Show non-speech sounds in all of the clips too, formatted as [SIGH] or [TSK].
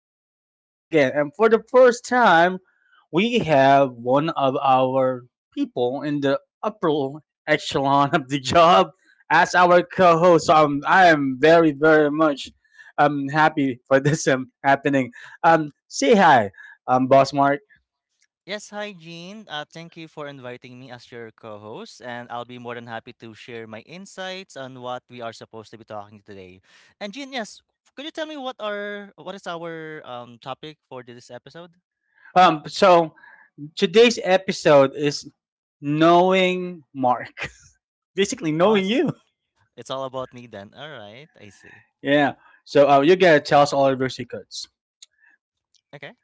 And we're back again. And for the first time, we have one of our people in the upper echelon of the job as our co host. So I am very, very much happy for this happening. Say hi, Boss Mark. Yes, hi Jean. Thank you for inviting me as your co-host, and I'll be more than happy to share my insights on what we are supposed to be talking today. And Jean, yes, could you tell me what is our topic for this episode? So today's episode is knowing Mark, [LAUGHS] basically Oh, knowing you. it's all about me then. All right, I see. Yeah. So you gotta tell us all of your secrets. Okay.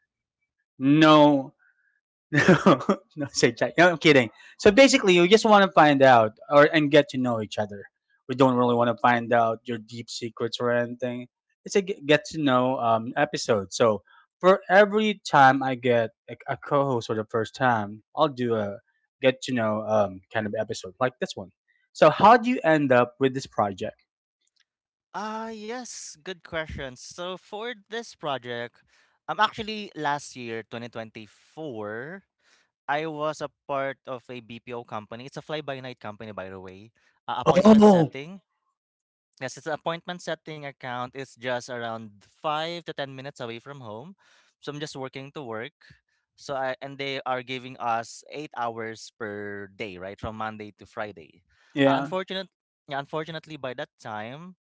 No, [LAUGHS] no, say Jack. No, I'm kidding. So basically, we just want to find out or and get to know each other. We don't really want to find out your deep secrets or anything. It's a get to know episode. So for every time I get a co-host for the first time, I'll do a get to know kind of episode like this one. So how do you end up with this project? Ah, yes, good question. So for this project, actually last year, 2024. I was a part of a BPO company. It's a fly-by-night company, by the way. Appointment Oh, setting. Yes, it's an appointment setting account. It's just around 5 to 10 minutes away from home. So I'm just working to work. So I and they are giving us 8 hours per day, right, from Monday to Friday. Uh, yeah. unfortunate, yeah, unfortunately, by that time,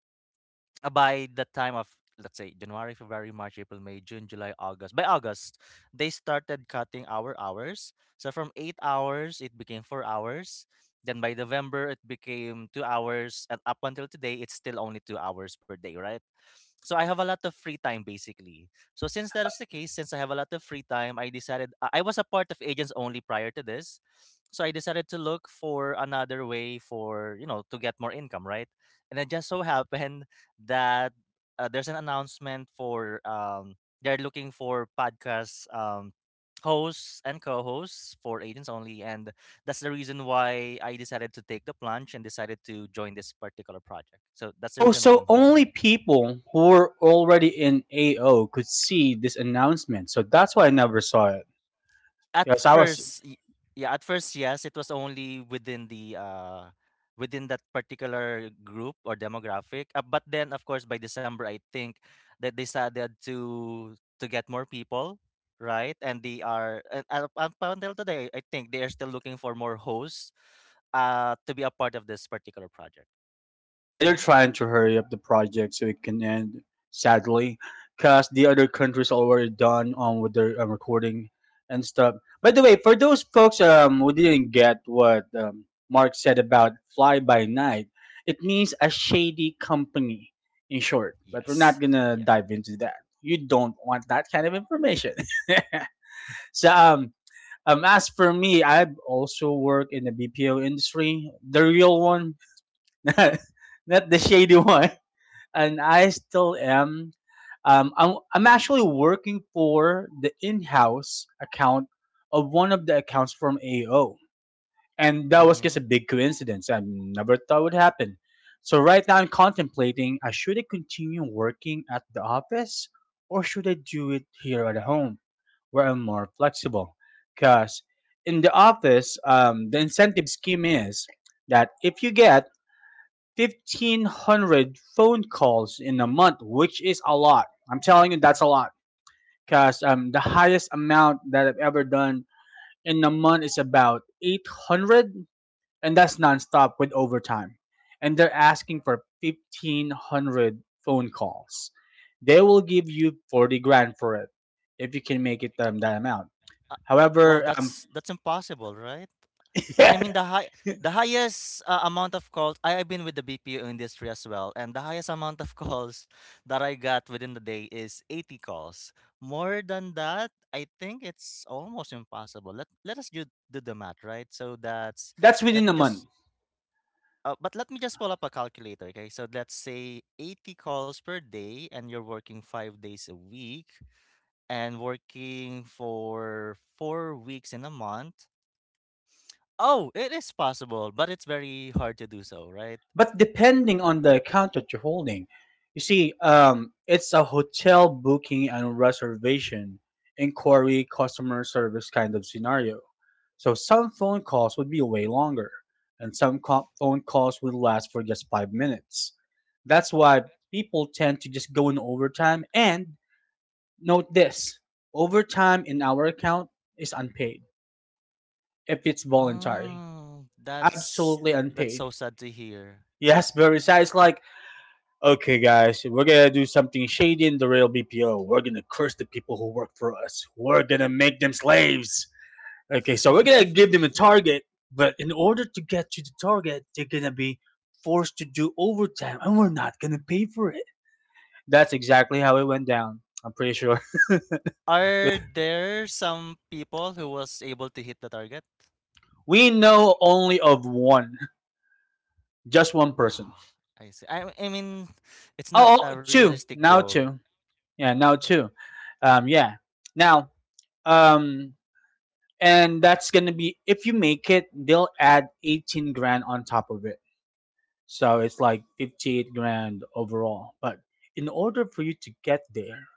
by the time of, let's say, January, February, March, April, May, June, July, August. By August, they started cutting our hours. So from 8 hours, it became 4 hours. Then by November, it became 2 hours, and up until today, it's still only 2 hours per day, right? So I have a lot of free time, basically. So since that is the case, since I have a lot of free time, I decided I was a part of agents only prior to this. So I decided to look for another way for, you know, to get more income, right? And it just so happened that there's an announcement for they're looking for podcast hosts and co-hosts for agents only, and that's the reason why I decided to take the plunge and decided to join this particular project. So that's the Oh, reason why so I'm here, only Gian. people who were already in AO could see this announcement. So that's why I never saw it. at Because I was, first y- yeah, at first, yes, it was only within the within that particular group or demographic, but then, of course, by December, I think that they started to get more people, right? And they are, and up until today, I think they are still looking for more hosts to be a part of this particular project. yeah, they're Mhm. trying to hurry up the project so it can end, sadly. Because the other countries already done on with their recording and stuff. By the way, for those folks who didn't get what Mark said about fly by night, it means a shady company, in short. But we're Yes, not going to yeah. dive into that. You don't want that kind of information. [LAUGHS] So as for me, I've also worked in the BPO industry, the real one, [LAUGHS] not not the shady one. And I still am. I'm actually working for the in-house account of one of the accounts from AO, and that was just Hmm. a big coincidence. I never thought would happen. So right now I'm contemplating: I should I continue working at the office, or should I do it here at home? Were more flexible. Because in the office, the incentive scheme is that if you get 1,500 phone calls in a month, which is a lot, I'm telling you, that's a lot. Because the highest amount that I've ever done in a month is about 800, and that's nonstop with overtime. And they're asking for 1,500 phone calls. They will give you 40 grand for it if you can make it that amount. uh, wow, However, that's impossible, right? I mean, the high the [LAUGHS] highest amount of calls, I have been with the BPO industry as well, and the highest amount of [LAUGHS] calls that I got within the day is 80 calls. More than that, I think it's almost impossible. Let us do the math, right? So that's that's let within me a just month. But let me just pull up a calculator, okay? So let's say 80 calls per day, and you're working 5 days a week and working for 4 weeks in a month. Oh, it is possible, but it's very hard to do so, right? But depending on the account that you're holding, you see, it's a hotel booking and reservation inquiry customer service kind of scenario. So some phone calls would be way longer, and some phone calls would last for just 5 minutes. That's why people tend to just go in overtime. And note this overtime in our account is unpaid if it's voluntary, Mm, absolutely that's unpaid. so sad to hear. Yes, very sad. It's like, okay, guys, we're gonna do something shady in the rail BPO. We're gonna curse the people who work for us. We're gonna make them slaves. Okay, so we're gonna give them a [LAUGHS] target, but in order to get to the target, they're gonna be forced to do overtime, and we're not gonna pay for it. That's exactly how it went down. I'm pretty sure. [LAUGHS] Are there some people who was able to hit the target? We know only of one, just one person. Ah, I see. I mean, it's not Oh, a oh, two realistic now, goal. two. Yeah, now two. Yeah. Now, um, and that's gonna be if you make it, they'll add 18 grand on top of it. So it's like 58 grand overall. But in order for you to get there,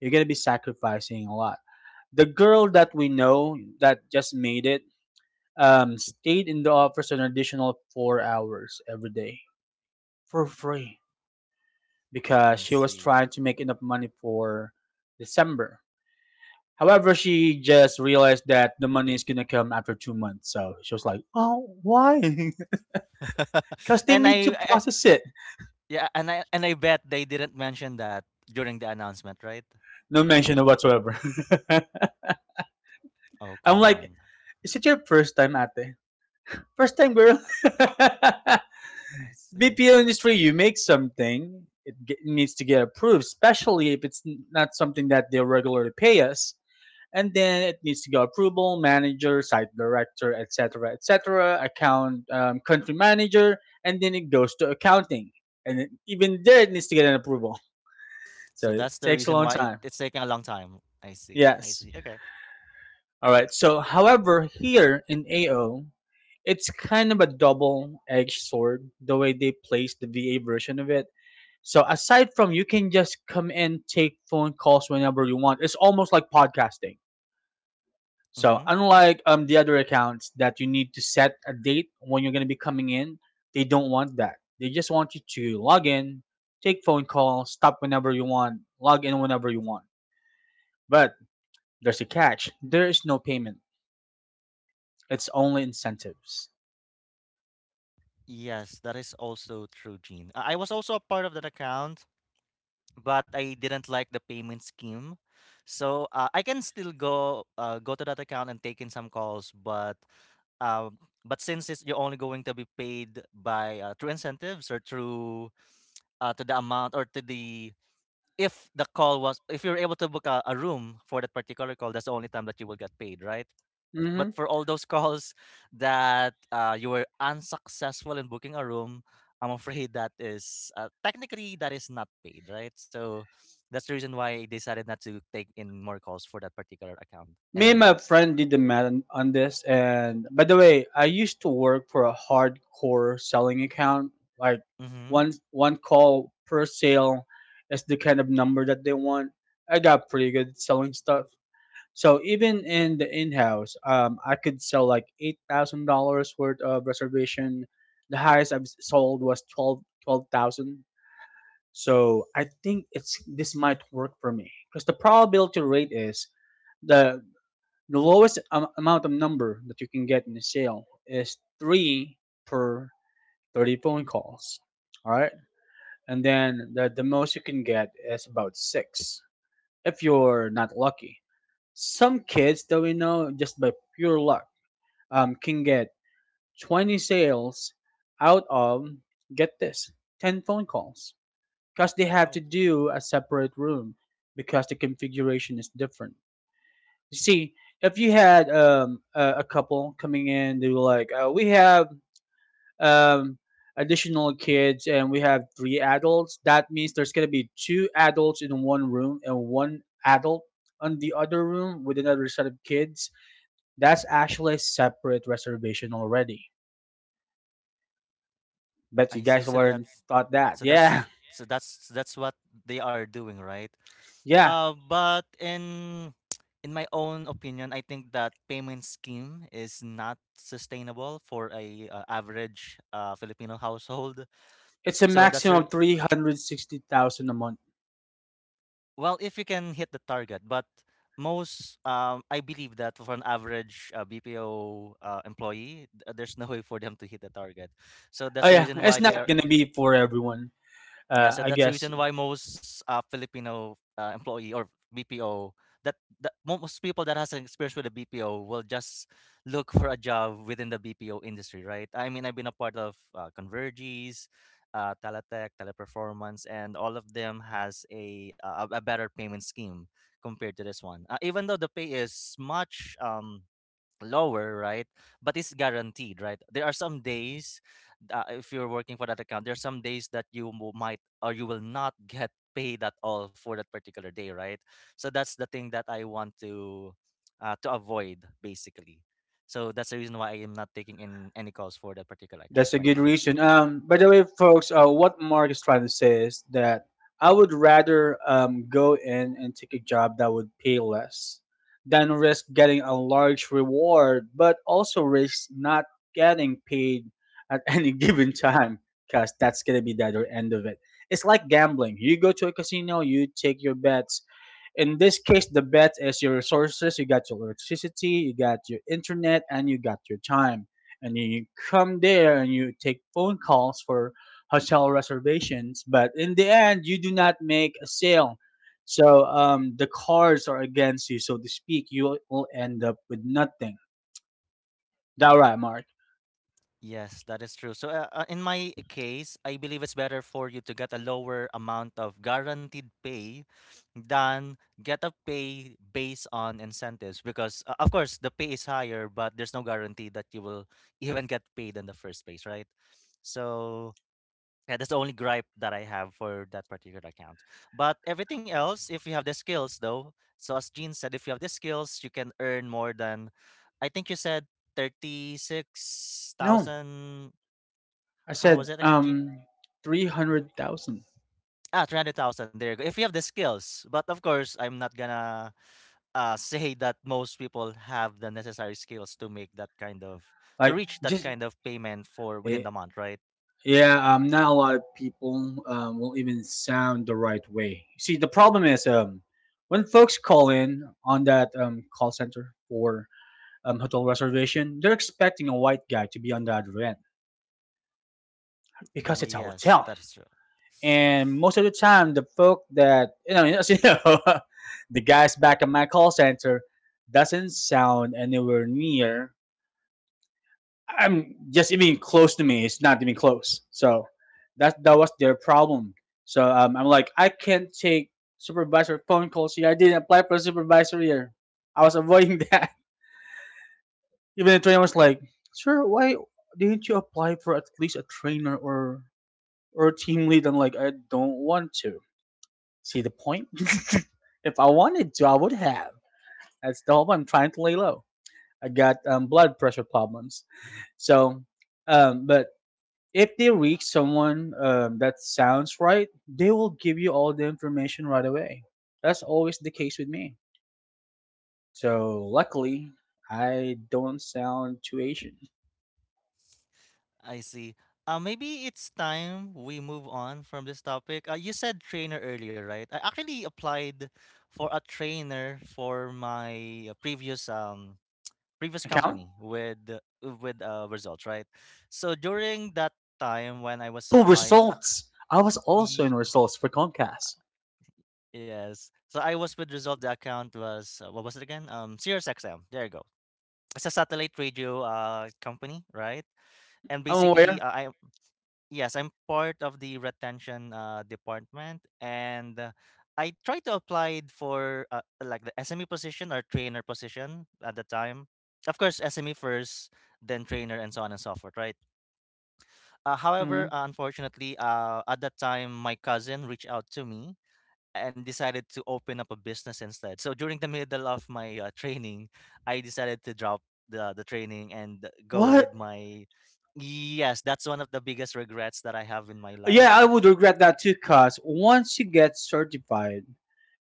you're going to be sacrificing a lot. The girl that we know that just made it stayed in the office an additional 4 hours every day for free because I she was see. trying to make enough money for December. However, she just realized that the money is going to come after 2 months. So she was like, oh, why? [LAUGHS] Because [LAUGHS] they and need to I- process it. Yeah, and I bet they didn't mention that during the announcement, right? No mention whatsoever. [LAUGHS] Oh, I'm come like, on. is it your first time, ate? First time, girl. I, [LAUGHS] I see. BPO industry, you make something, it needs to get approved, especially if it's not something that they regularly pay us. And then it needs to go approval, manager, site director, etc., etc., account, country manager, and then it goes to accounting. And it, even there, it needs to get an approval. [LAUGHS] So So it that's the takes a reason long why time. it's taking a long time. I see. I Yes. see. Yeah. Okay. All right. So, however, here in AO, it's kind of a double-edged sword the way they place the VA version of it. So, aside from you can just come in, take phone calls whenever you want. It's almost like podcasting. So, Mm-hmm. unlike the other accounts that you need to set a date when you're going to be coming in, they don't want that. They just want you to log in, take phone calls, stop whenever you want, log in whenever you want. But there's a catch. There is no payment. It's only incentives. Yes, that is also true, Gene. I was also a part of that account, but I didn't like the payment scheme. So I can still go to that account and take in some calls, um, but since you're only going to be paid by through incentives or through to the amount or to the if the call was if you're able to book a room for that particular call, that's the only time that you will get paid, right? But Hmm. for all those calls that you were unsuccessful in booking a room, I'm afraid [LAUGHS] that is, technically, that is not paid, right? So that's the reason why I decided not to take in more calls for that particular account. Me and my And friend did the math on this, and by the way, I used to work for a hardcore selling account. Like mm-hmm. one call per sale is the kind of number that they want. I got pretty good at selling stuff. So even in the in-house, I could sell like $8,000 worth of reservation. The highest I've sold was twelve thousand. So I think it's this might work for me because the probability rate is the The lowest amount of number that you can get in a sale is three per 30 phone calls. All right. And then the most you can get is about six if you're not lucky. Some kids that we know just by pure luck can get 20 sales out of, get this, 10 phone calls because they have Wow. to do a separate room because the configuration is different. You see, if you had a couple coming in, they were like, we have um, additional kids and we have three adults. That means there's going to be two adults in one room and one adult on the other room with another set of kids. That's actually a separate reservation already. Bet you I see. guys So weren't thought that. Yeah, that's what they are doing, right? [LAUGHS] yeah. But in [TSK] in my own opinion, I think that payment scheme is not sustainable for a average Filipino household. [LAUGHS] It's a So that's maximum the of re- 360,000 a month. well, if you can hit the target, but most, I believe that for an average BPO employee, there's no way for them to hit the target. So that's Oh, the yeah. reason why It's they not are going to be for everyone. yeah, so I that's the guess. reason why most Filipino employee or BPO, that most people that has an experience with a BPO will just look for a job within the BPO industry, right? I mean, I've been a part of Converges, Teletech, Teleperformance, and all of them has a a better payment scheme compared to this one. Even though the pay is much lower, right? But it's guaranteed, right? There are some days, if you're working for that account, there are some days that you might or you will not get paid at all for that particular day, right? So that's the thing that I want to avoid, basically. So that's the reason why I am not taking in any calls for that particular account That's a for good now. reason. By the way, folks, what Mark is trying to say is that I would rather go in and take a job that would pay less than risk getting a large reward, but also risk not getting paid at [LAUGHS] any given time because that's going to be the other end of it. It's like gambling. You go to a casino, you take your bets. In this case, the bet is your resources. You got your electricity, you got your internet, and you got your time and you come there and you take phone calls for hotel reservations, but in the end you do not make a sale. So the cards are against you, so to speak. You will end up with nothing. That right, Mark? Yes, that is true. So, in my case, I believe it's better for you to get a lower amount of guaranteed pay than get a pay based on incentives, because, of course, the pay is higher, but there's no guarantee that you will [LAUGHS] even get paid in the first place, right? So, yeah, that's the only gripe that I have for that particular account. But everything else, if you have the skills, though, so as Gene said, if you have the skills, you can earn more than, I think you said No, 36,000. I How said was it again, Gene? Hmm. 300,000, Ah, 300,000. There you go. If you have the skills. But of course, I'm not gonna [LAUGHS] say that most people have the necessary skills to make that kind of, to like reach that just kind of payment for within the eh, month, right? yeah. Not a lot of people will even sound the right way. See, the problem is when folks call in on that call center for hotel reservation, they're expecting a white guy to be on the other end because it's a Yes, hotel. that's true. And most of the time, the folk that you know, [LAUGHS] as you know, the guys back at my call center doesn't sound anywhere near I'm just even close to me. It's not even close. So that was their problem. So I'm like, I can't take supervisor phone calls here. I didn't apply for a supervisor here. I was avoiding that. [LAUGHS] Even the trainer was like, sir, why didn't you apply for at least a trainer or a team lead? I'm like, I don't want to. See the point? [LAUGHS] If I wanted to, I would have. That's the whole point. I'm trying to lay low. I got blood pressure problems. So, but if they reach someone that sounds right, they will give you all the information right away. That's always the case with me. So luckily, I don't sound too Asian. I see. Maybe it's time we move on from this topic. You said trainer earlier, right? I actually applied for a trainer for my previous Account? company with results, right? So during that time when I was Oh, applying, results. I was also in ye- results for Comcast. yes. So I was with result. The account was what was it again? Sirius XM. There you go. It's a satellite radio company, right? Mm, And I'm basically, aware. I yes, I'm part of the retention department, and I tried to apply for like the SME position or trainer position at the time. Of course, SME first, then trainer, and so on and so forth, right? Mhm. However, unfortunately, at that time, my cousin reached out to me and decided to open up a business instead. So during the middle of my training, I decided to drop the training and go with What? my yes, that's one of the biggest regrets that I have in my Yeah, life. I would regret that too, cause once you get certified,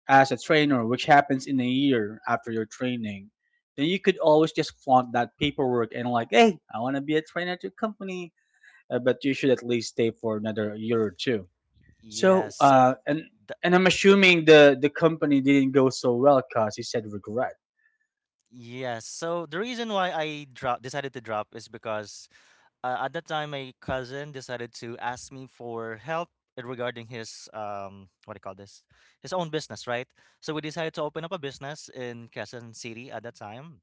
as a trainer, which happens in a year after your training, then you could always just flaunt that paperwork and like, hey, I want to be a trainer at your company, but you should at least stay for another year or two. So, Yes, so uh, and the, and I'm assuming the company didn't go so well because he said regret. The reason why I drop decided to drop is because at that time my cousin decided to ask me for help regarding his what do you call this his own business, right? So we decided to open up a business in Quezon City at that time.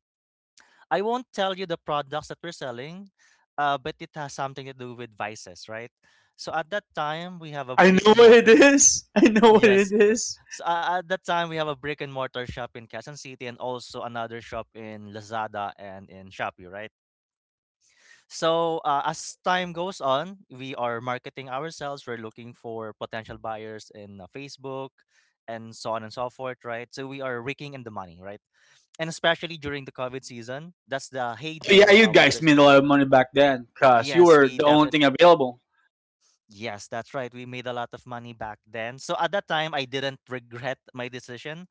I won't tell you the products that we're selling, but it has something to do with vices, right? So at that time, we have a I brick know and what it mortar. is. [LAUGHS] I know what it Yes. is. So at that time, we have a brick and mortar shop in Quezon City, and also another shop in Lazada and in Shopee, right? So, as time goes on, we are marketing ourselves. We're looking for potential buyers in Facebook, and so on and so forth, right? So we are raking in the money, right? And especially during the COVID season, that's the Oh heyday yeah, of you our guys business. made a lot of money back then because you Yes, were we the only thing definitely. available. Yes, that's right. We made a lot of money back then. So at that time, I didn't regret my decision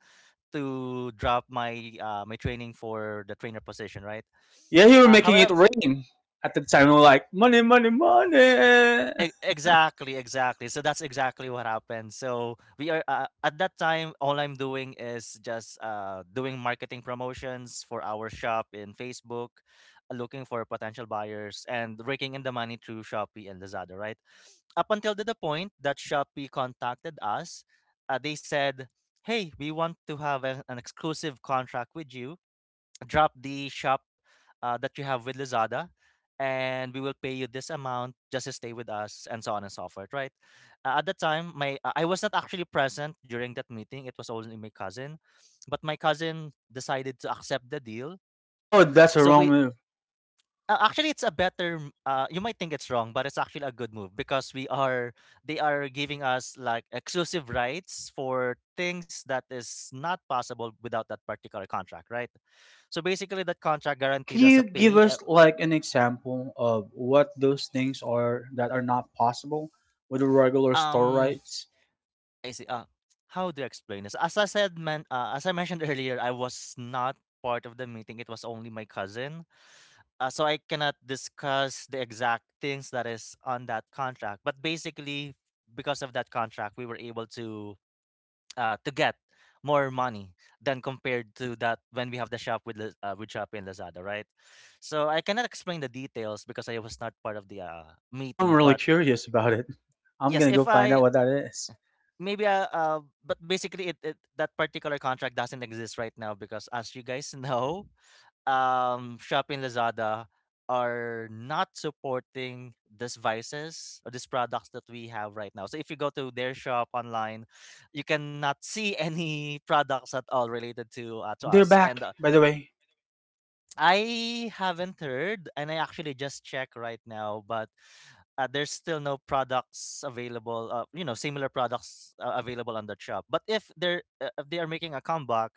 to drop my my training for the trainer position, right? Yeah, you were Uh, making it however, rain at the time. We were like, money, money, money. E- exactly. So that's exactly what happened. So we are at that time. All I'm doing is just doing marketing promotions for our shop in Facebook, looking for potential buyers and raking in the money through Shopee and Lazada. Right up until to the point that Shopee contacted us, they said, "Hey, we want to have an exclusive contract with you, drop the shop that you have with Lazada, and we will pay you this amount just to stay with us, and so on and so forth, right? At the time, my I was not actually present during that meeting. It was only my cousin, but my cousin decided to accept the deal. Oh, that's a So wrong we move. Actually, it's a better m- you might think it's wrong, but it's actually a good move because we are they are giving us like exclusive rights for things that is not possible without that particular contract, right? So basically, that contract Can guaranteed us a you give pay. Us like an example of what those things are that are not possible with the regular store um, rights? I see. How do I explain this? As I said, man, as I mentioned [LAUGHS] earlier, I was not part of the meeting. It was only my cousin. So I cannot discuss the exact things that is on that contract, but basically, because of that contract, we were able to get more money than compared to that when we have the shop with with Shopee and Lazada, right? So I cannot explain the details because I was not part of the Now I'm meeting. really But curious about it. I'm yes, gonna go if find out I what that is. maybe but basically it, it that particular contract doesn't exist right now because as you guys [LAUGHS] know, Shopee and Lazada are not supporting these vices or these products that we have right now. So if you go to their shop online, you cannot see [LAUGHS] any products at all related Oh, to they're us. back, And by the way. I haven't heard, and I actually just check right now, but there's still no products available, similar products available on that shop. But if they are making a comeback,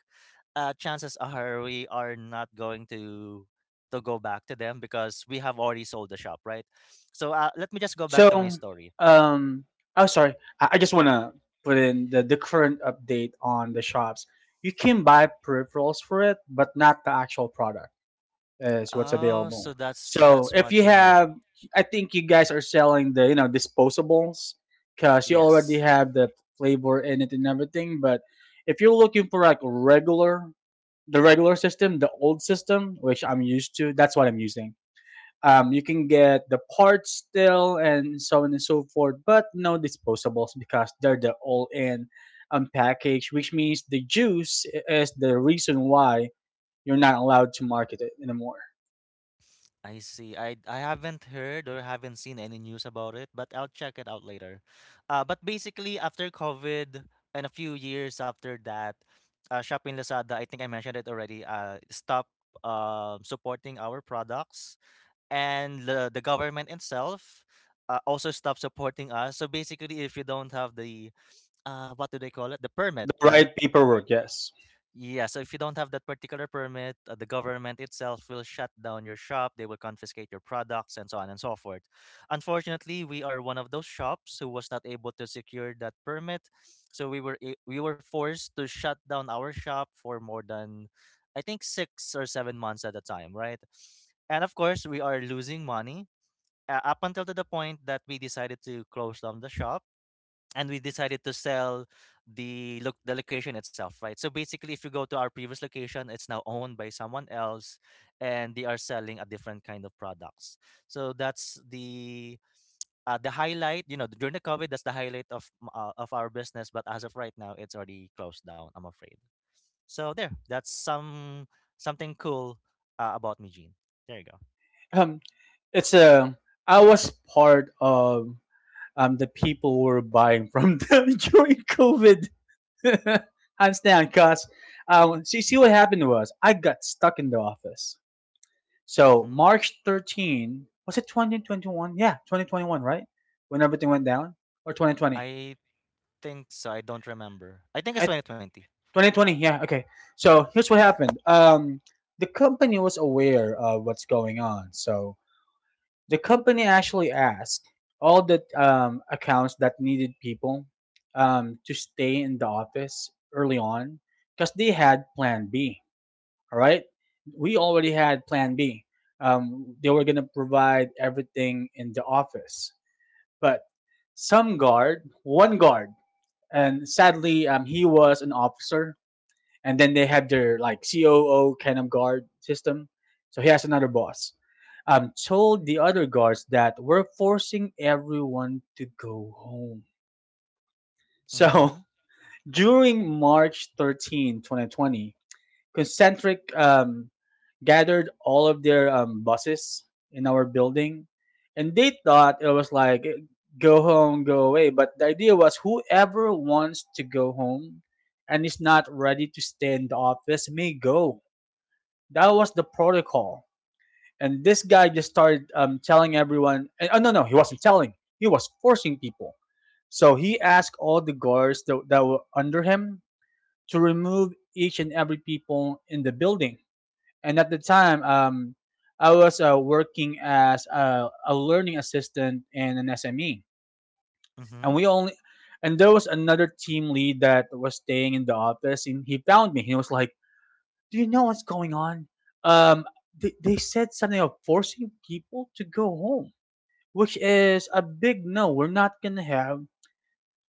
chances are we are not going to go back to them because we have already sold the shop, right? So let me just go back to my So, story. um, oh, sorry. I just wanna put in the current update on the shops. You can buy peripherals for it, but not the actual product, is what's Oh, available. so So that's if what you you meant. have, I think you guys are selling the disposables because you already Yes. have the flavor in it and everything. But if you're looking for like regular, the regular system, the old system, which I'm used to, that's what I'm using. You can get the parts still and so on and so forth, but no disposables because they're the all-in package, which means the juice is the reason why you're not allowed to market it anymore. I see. I haven't heard or haven't seen any news about it, but I'll check it out later. But basically, after COVID and a few years after that, Shopping Lazada, I think I mentioned it already, stopped supporting our products, and the government itself also stopped supporting us. So basically, if you don't have the, what do they call it, the The permit, right? right paperwork, yes. Yeah, so if you don't have that particular permit, the government itself will shut down your shop, they will confiscate your products, and so on and so forth. Unfortunately, we are one of those shops who was not able to secure that permit, so we were forced to shut down our shop for more than I think 6 or 7 months at a time, right? And of course, we are losing money up until to the point that we decided to close down the shop and we decided to sell the location itself, right? So basically, if you go to our previous location, it's now owned by someone else, and they are selling a different kind of products. So that's the highlight, you know, during the COVID, that's the highlight of of our business. But as of right now, it's already closed down, I'm afraid. So there, that's something cool about me, Gene. There you go. Um, it's a. I was part of the people who were buying from them [LAUGHS] during COVID. [LAUGHS] Hands down, cause see what happened was I got stuck in the office. So Hmm. March 13, was it 2021? Yeah, 2021, right? When everything went down, or 2020? I think so. I don't remember. I think it's At 2020. 2020, yeah. Okay. So here's what happened. The company was aware of what's going on, so the company actually asked all the accounts that needed people to stay in the office early on because they had plan B. All right, we already had plan B. They were going to provide everything in the office, but some guard, one guard, and sadly he was an officer, and then they have their like COO kind of guard system. So he has another boss. Told the other guards that we're forcing everyone to go home. So Hmm. [LAUGHS] during March 13, 2020, Concentric gathered all of their buses in our building, and they thought it was like go home, go away. But the idea was whoever wants to go home and is not ready to stay in the office may go. That was the protocol. And this guy just started telling everyone. And, oh no, no, he wasn't telling. He was forcing people. So he asked all the guards that were under him to remove each and every people in the building. And at the time, I was working as a learning assistant in an SME, and Mm-hmm. we only and there was another team lead that was staying in the office, and he found me. He was like, do you know what's going on? Um, they said something of forcing people to go home, which is a big no. We're not going to have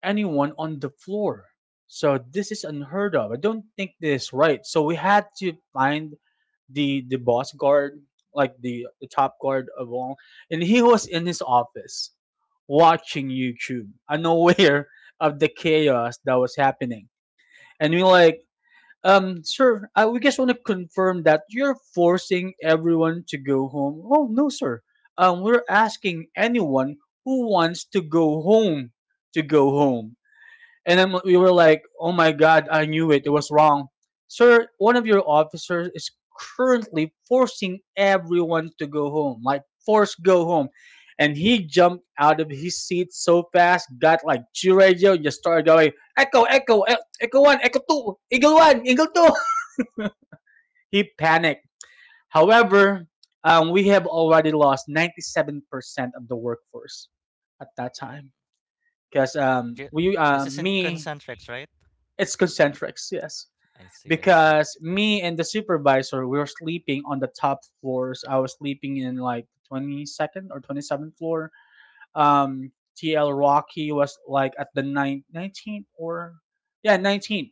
anyone on the floor. So this is unheard of. I don't think this is right. So we had to find the boss guard, like the top guard of all, and he was in his office watching YouTube, unaware [LAUGHS] of the chaos that was happening. And we like sir, I we just want to confirm that you're forcing everyone to go home. Oh no, sir. We're asking anyone who wants to go home to go home. And then we were like, oh my god, I knew it. It was wrong, sir. One of your officers is currently forcing everyone to go home, like force go home. And he jumped out of his seat so fast, got like G radio, and just started going, echo, echo, echo one, echo two, eagle one, eagle two. He panicked. However, we have already lost 97% of the workforce at that time. Because um, Ju- we, this uh, is in me, concentrics, right? it's concentrics, yes. I see, I see. Because me and the supervisor, we were sleeping on the top floors. I was sleeping in like 22nd or 27th floor. Um, TL Rocky was like at the nine, 19th or, yeah, 19th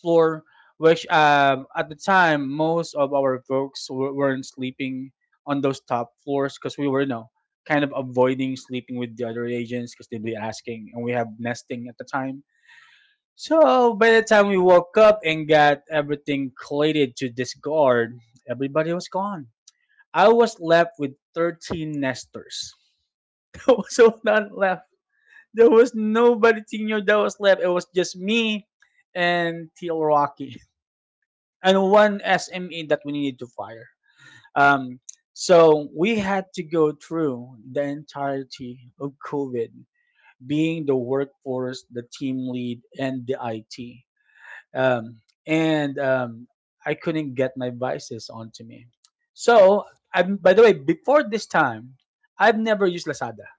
floor, which at the time most of our folks weren't sleeping on those top floors because we were kind of avoiding sleeping with the other agents because they'd be asking, and we have nesting at the time. So by the time we woke up and got everything collated to discard, everybody was gone. I was left with 13 nesters. [LAUGHS] There was no one left. There was nobody senior that was left. It was just me and Teal Rocky, and one SME that we needed to fire. Um, so we had to go through the entirety of COVID, being the workforce, the team lead, and the IT. Um, and I couldn't get my vices onto me. So, I by the way, before this time, I've never used Lazada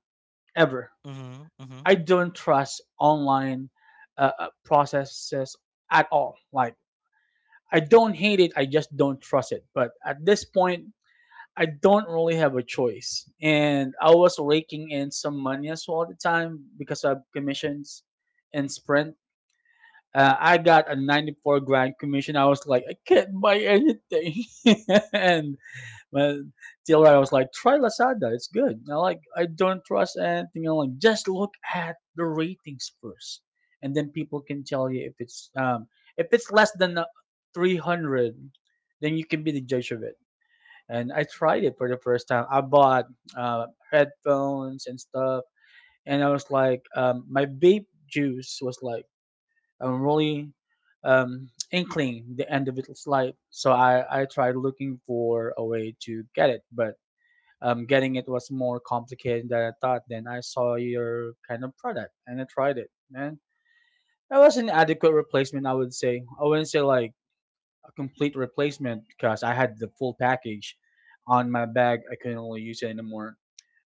ever. Mm-hmm. Mm-hmm. I don't trust online uh, uh, processes at all. Like I don't hate it. I just don't trust it. But at this point, I don't really have a choice. And I was raking in some money as well at the time because of commissions in Sprint. I got a 94 grand commission. I was like, I can't buy anything. [LAUGHS] And when till I was like, try Lazada, it's good. I don't trust anything. I'm like, just look at the ratings first, and then people can tell you if it's less than 300, then you can be the judge of it. And I tried it for the first time. I bought headphones and stuff, and I was like, my vape juice was like really inkling the end of its life. So I tried looking for a way to get it, but getting it was more complicated than I thought. Then I saw your kind of product and I tried it, and that was an adequate replacement, I would say. I wouldn't say like a complete replacement because I had the full package on my bag. I couldn't really use it anymore.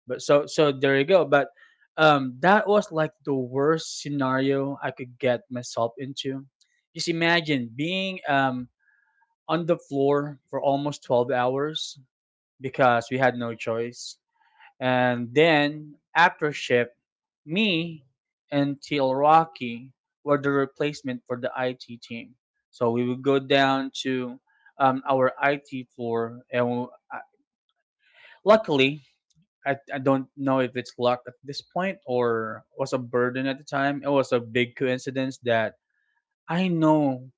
But so there you go. But that was like the worst scenario I could get myself into. Just imagine being on the floor for almost 12 hours because we had no choice, and then after ship, me and Teal Rocky were the replacement for the IT team. So we would go down to our IT floor, and luckily, I don't know if it's luck at this point or was a burden at the time. It was a big coincidence that I know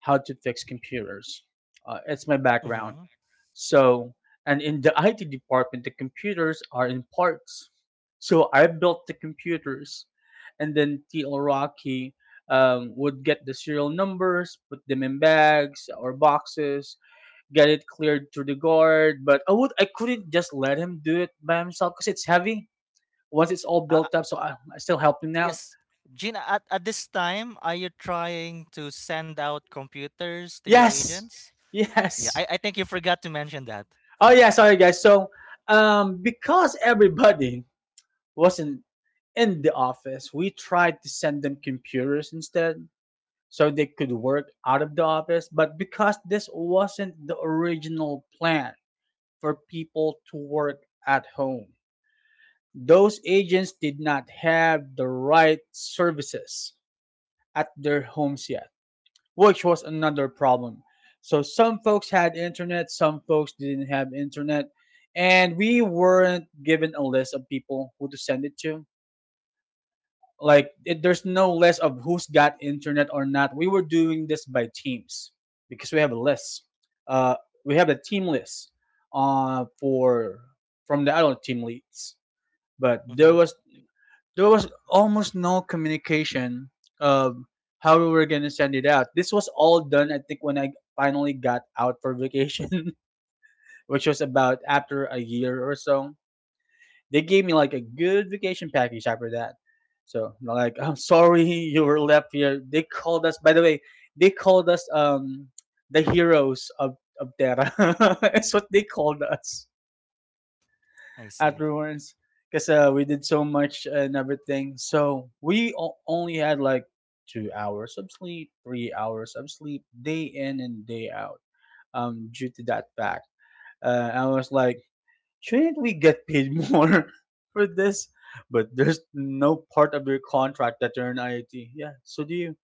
how to fix computers. It's my background. Mm-hmm. So, and in the IT department, the computers are in parts. So I built the computers, and then TL Rocky would get the serial numbers, put them in bags or boxes, get it cleared through the guard. But I couldn't just let him do it by himself because it's heavy. Once it's all Uh, built up, so I still help him out. yes. Gina, at this time, are you trying to send out computers to your Yes, agents? [LAUGHS] Yeah, yes. I think you forgot to mention that. Oh yeah, sorry guys. So, because everybody wasn't in the office. We tried to send them computers instead so they could work out of the office, but because this wasn't the original plan for people to work at home, those agents did not have the right services at their homes yet, which was another problem. So some folks had internet, some folks didn't have internet, and we weren't given a list of people who to send it to. Like, it, there's no list of who's got internet or not. We were doing this by teams because we have a list, uh, we have a team list, for from the adult team leads. But there Mm-hmm. was there was almost no communication of how we were going to send it out. This was all done, I think, when I finally got out for vacation [LAUGHS] which was about after a year or so. They gave me like a good vacation package after that. So like, I'm sorry [LAUGHS] you were left here. They called us. By the way, they called us the heroes of Terra. [LAUGHS] That's what they called us I see. afterwards, because we did so much and everything. So we only had like 2 hours of sleep, 3 hours of sleep, day in and day out. Due to that fact, I was like, shouldn't we get paid more [LAUGHS] for this? But there's no part of your contract that you're in IoT. Yeah, so do you.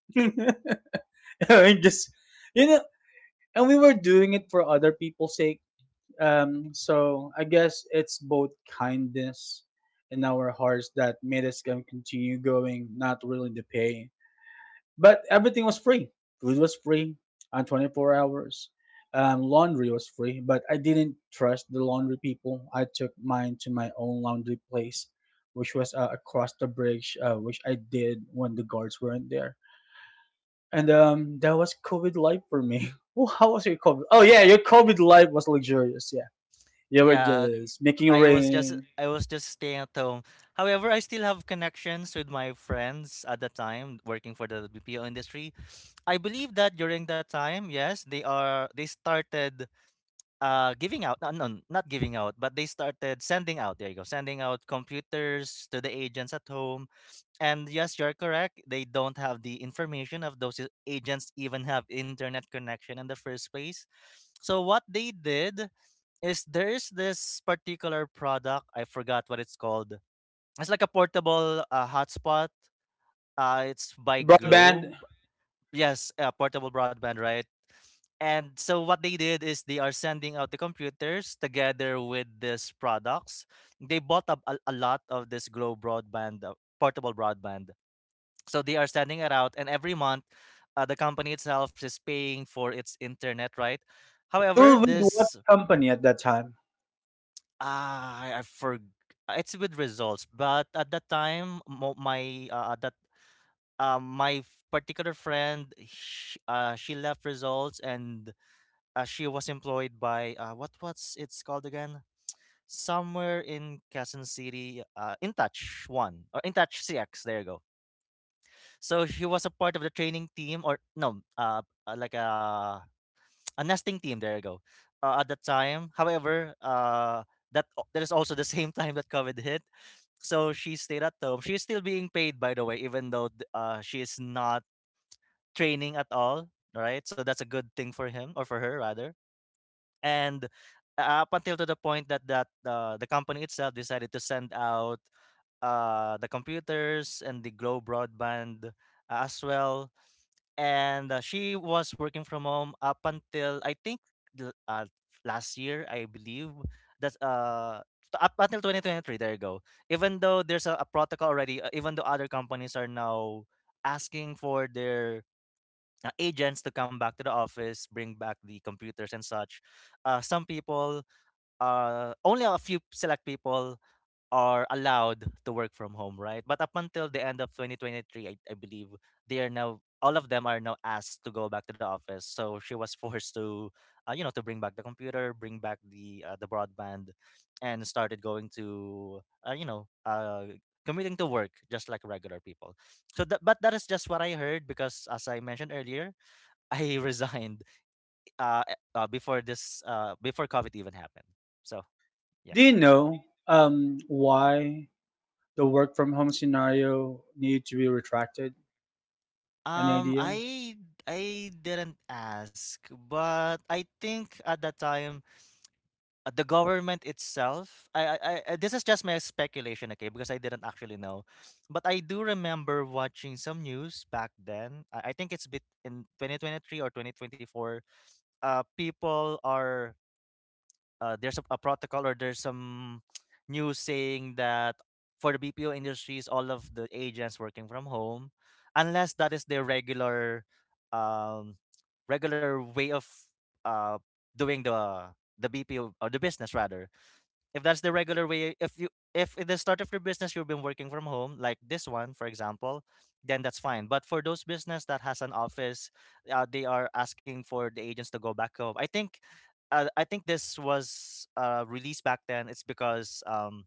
[LAUGHS] And just you know, and we were doing it for other people's sake. So I guess it's both kindness in our hearts that made us continue going, not really the pay. But everything was free. Food was free on 24 hours. Laundry was free, but I didn't trust the laundry people. I took mine to my own laundry place, which was across the bridge, which I did when the guards weren't there. And that was COVID life for me. [LAUGHS] Well, how was your COVID? Oh yeah, your COVID life was luxurious. Yeah. You were Yeah, just making I was just rain. I was just staying at home. However, I still have connections with my friends at the time working for the BPO industry. I believe that during that time, yes, they started giving out, no, not giving out, but they started sending out. There you go, sending out computers to the agents at home. And yes, you're correct. They don't have the information of those agents even have internet connection in the first place. So what they did is there is this particular product. I forgot what it's called. It's like a portable hotspot. It's by Broadband. Globe. Yes, portable broadband, right? And so what they did is they are sending out the computers together with these products. They bought up a lot of this Globe broadband, portable broadband. So they are sending it out, and every month, the company itself is paying for its internet, right? You However, were with what this— company at that time? Ah, I forg it's with results, but at that time, mo my, at that, my f particular friend, sh she left results, and she was employed by, what what's it's called again? Somewhere in Quezon City, InTouch One or InTouch CX, there you go. So she was a part of the training team or no, like a nesting team. There you go. At that time, however, that is also the [LAUGHS] same time that COVID hit. So she stayed at home. She is still being paid, by the way, even though she is not training at all. Right, so that's a good thing for him or for her rather. And up until to the point that the company itself decided to send out the computers and the Glow broadband as well, and she was working from home up until I think the, uh, last year, I believe. That's, uh, Up until 2023, there you go. Even though there's a protocol already, even though other companies are now asking for their agents to come back to the office, bring back the computers and such, some people, only a few select people are allowed to work from home, right? But up until the end of 2023, I believe they are now all of them are now asked to go back to the office. So she was [LAUGHS] forced to, to bring back the computer, bring back the broadband, and started going to, uh, you know, uh, commuting to work just like regular people. So that, but that is just what I heard because, as I mentioned earlier, [LAUGHS] I resigned before COVID even happened. So Do you yes. know why the work from home scenario needed to be retracted? An Um, idea? I I didn't ask, but I think at that time the government itself— this is just my speculation, okay? Because I didn't actually know, but I do remember watching some news back then. I think it's bit in 2023 or 2024. People are— there's a protocol or there's some [TSK] news saying that for the BPO industries, all of the agents working from home, unless that is their regular, um, regular way of uh, doing the BPO or the business rather. If that's the regular way, if you— if in the start of your business you've been working from home, like this one for example, then that's fine. But for those business that has an office, they are asking for the agents to go back home. I think this was released back then. It's because,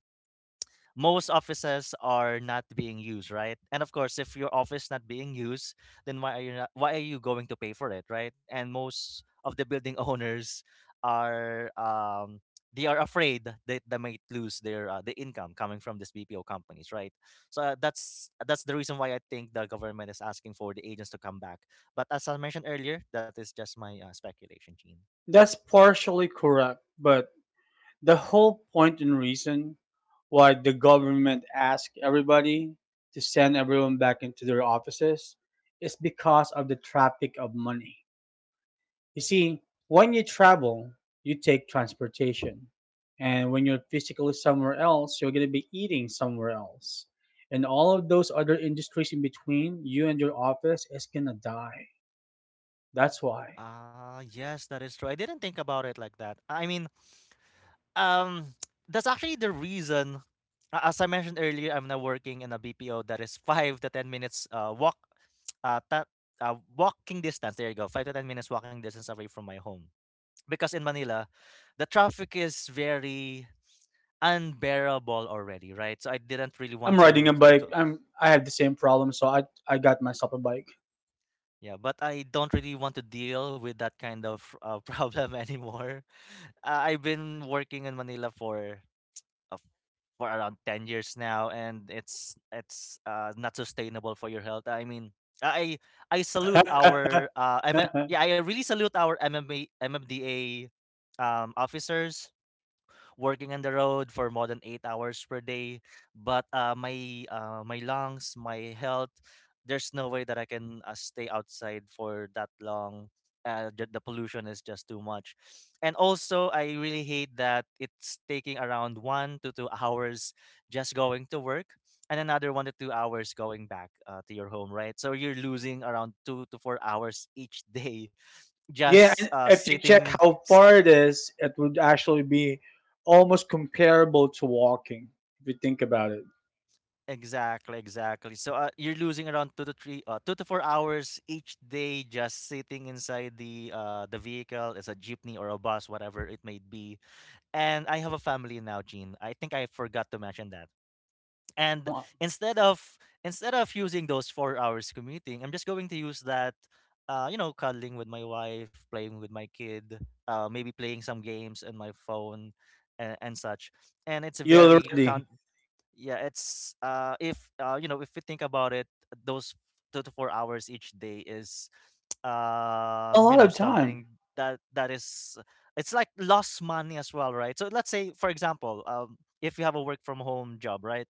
most offices are not being used, right? And of course, if your office not being used, then why are you not, why are you going to pay for it, right? And most of the building [LAUGHS] owners are, they are afraid that they might lose their the income coming from these BPO companies, right? So that's that's the reason why I think the government is asking for the agents to come back. But as I mentioned earlier, that is just my speculation, Gene. That's partially correct, but the whole point and reason why the government asked everybody to send everyone back into their offices is because of the traffic of money. You see, when you travel, you take transportation. And when you're physically somewhere else, you're going to be eating somewhere else. And all of those other industries in between, you and your office is going to die. That's why. Ah, yes, that is true. I didn't think about it like that. I mean, um, that's actually the reason. As I mentioned earlier, I'm now working in a BPO that is 5 to 10 minutes uh, ta- walking distance. There you go, 5 to 10 minutes walking distance away from my home. Because in Manila, the traffic is very unbearable already, right? So I didn't really I'm want riding to, a bike. I have the same problem, so I got myself a bike. yeah, but I don't really want to deal with that kind of [LAUGHS] problem anymore. I've been working in Manila uh, for around 10 years now, and it's not sustainable for your health. I mean, i I salute our yeah, [LAUGHS] I really salute our mma MMDA officers working on the road for more than 8 hours per day. But my lungs, my health, there's no way that I can stay outside for that long. The pollution is just too much, and also I really hate that it's taking around 1 to 2 hours just going to work, and another 1 to 2 hours going back to your home. Right, so you're losing around 2 to 4 hours each [LAUGHS] day Yeah, just and uh, if you check sitting how s- far it is, it would actually be almost comparable to walking if you think about it. Exactly, exactly. So you're losing around 2 to 4 hours each day just sitting inside the vehicle. It's a jeepney or a bus, whatever it may be. And I have a family now, Gene. I think I forgot to mention that. And Oh, instead of instead of using those 4 hours commuting, I'm just going to use that cuddling with my wife, playing with my kid, maybe playing some games on my phone, and such. And it's a you very already con yeah, it's if you know if we think about it, those 2 to 4 hours each day is [TSK] a you lot know of time. something that that is it's like lost money as well, right? So let's say, for example, if you have a work from home job, right?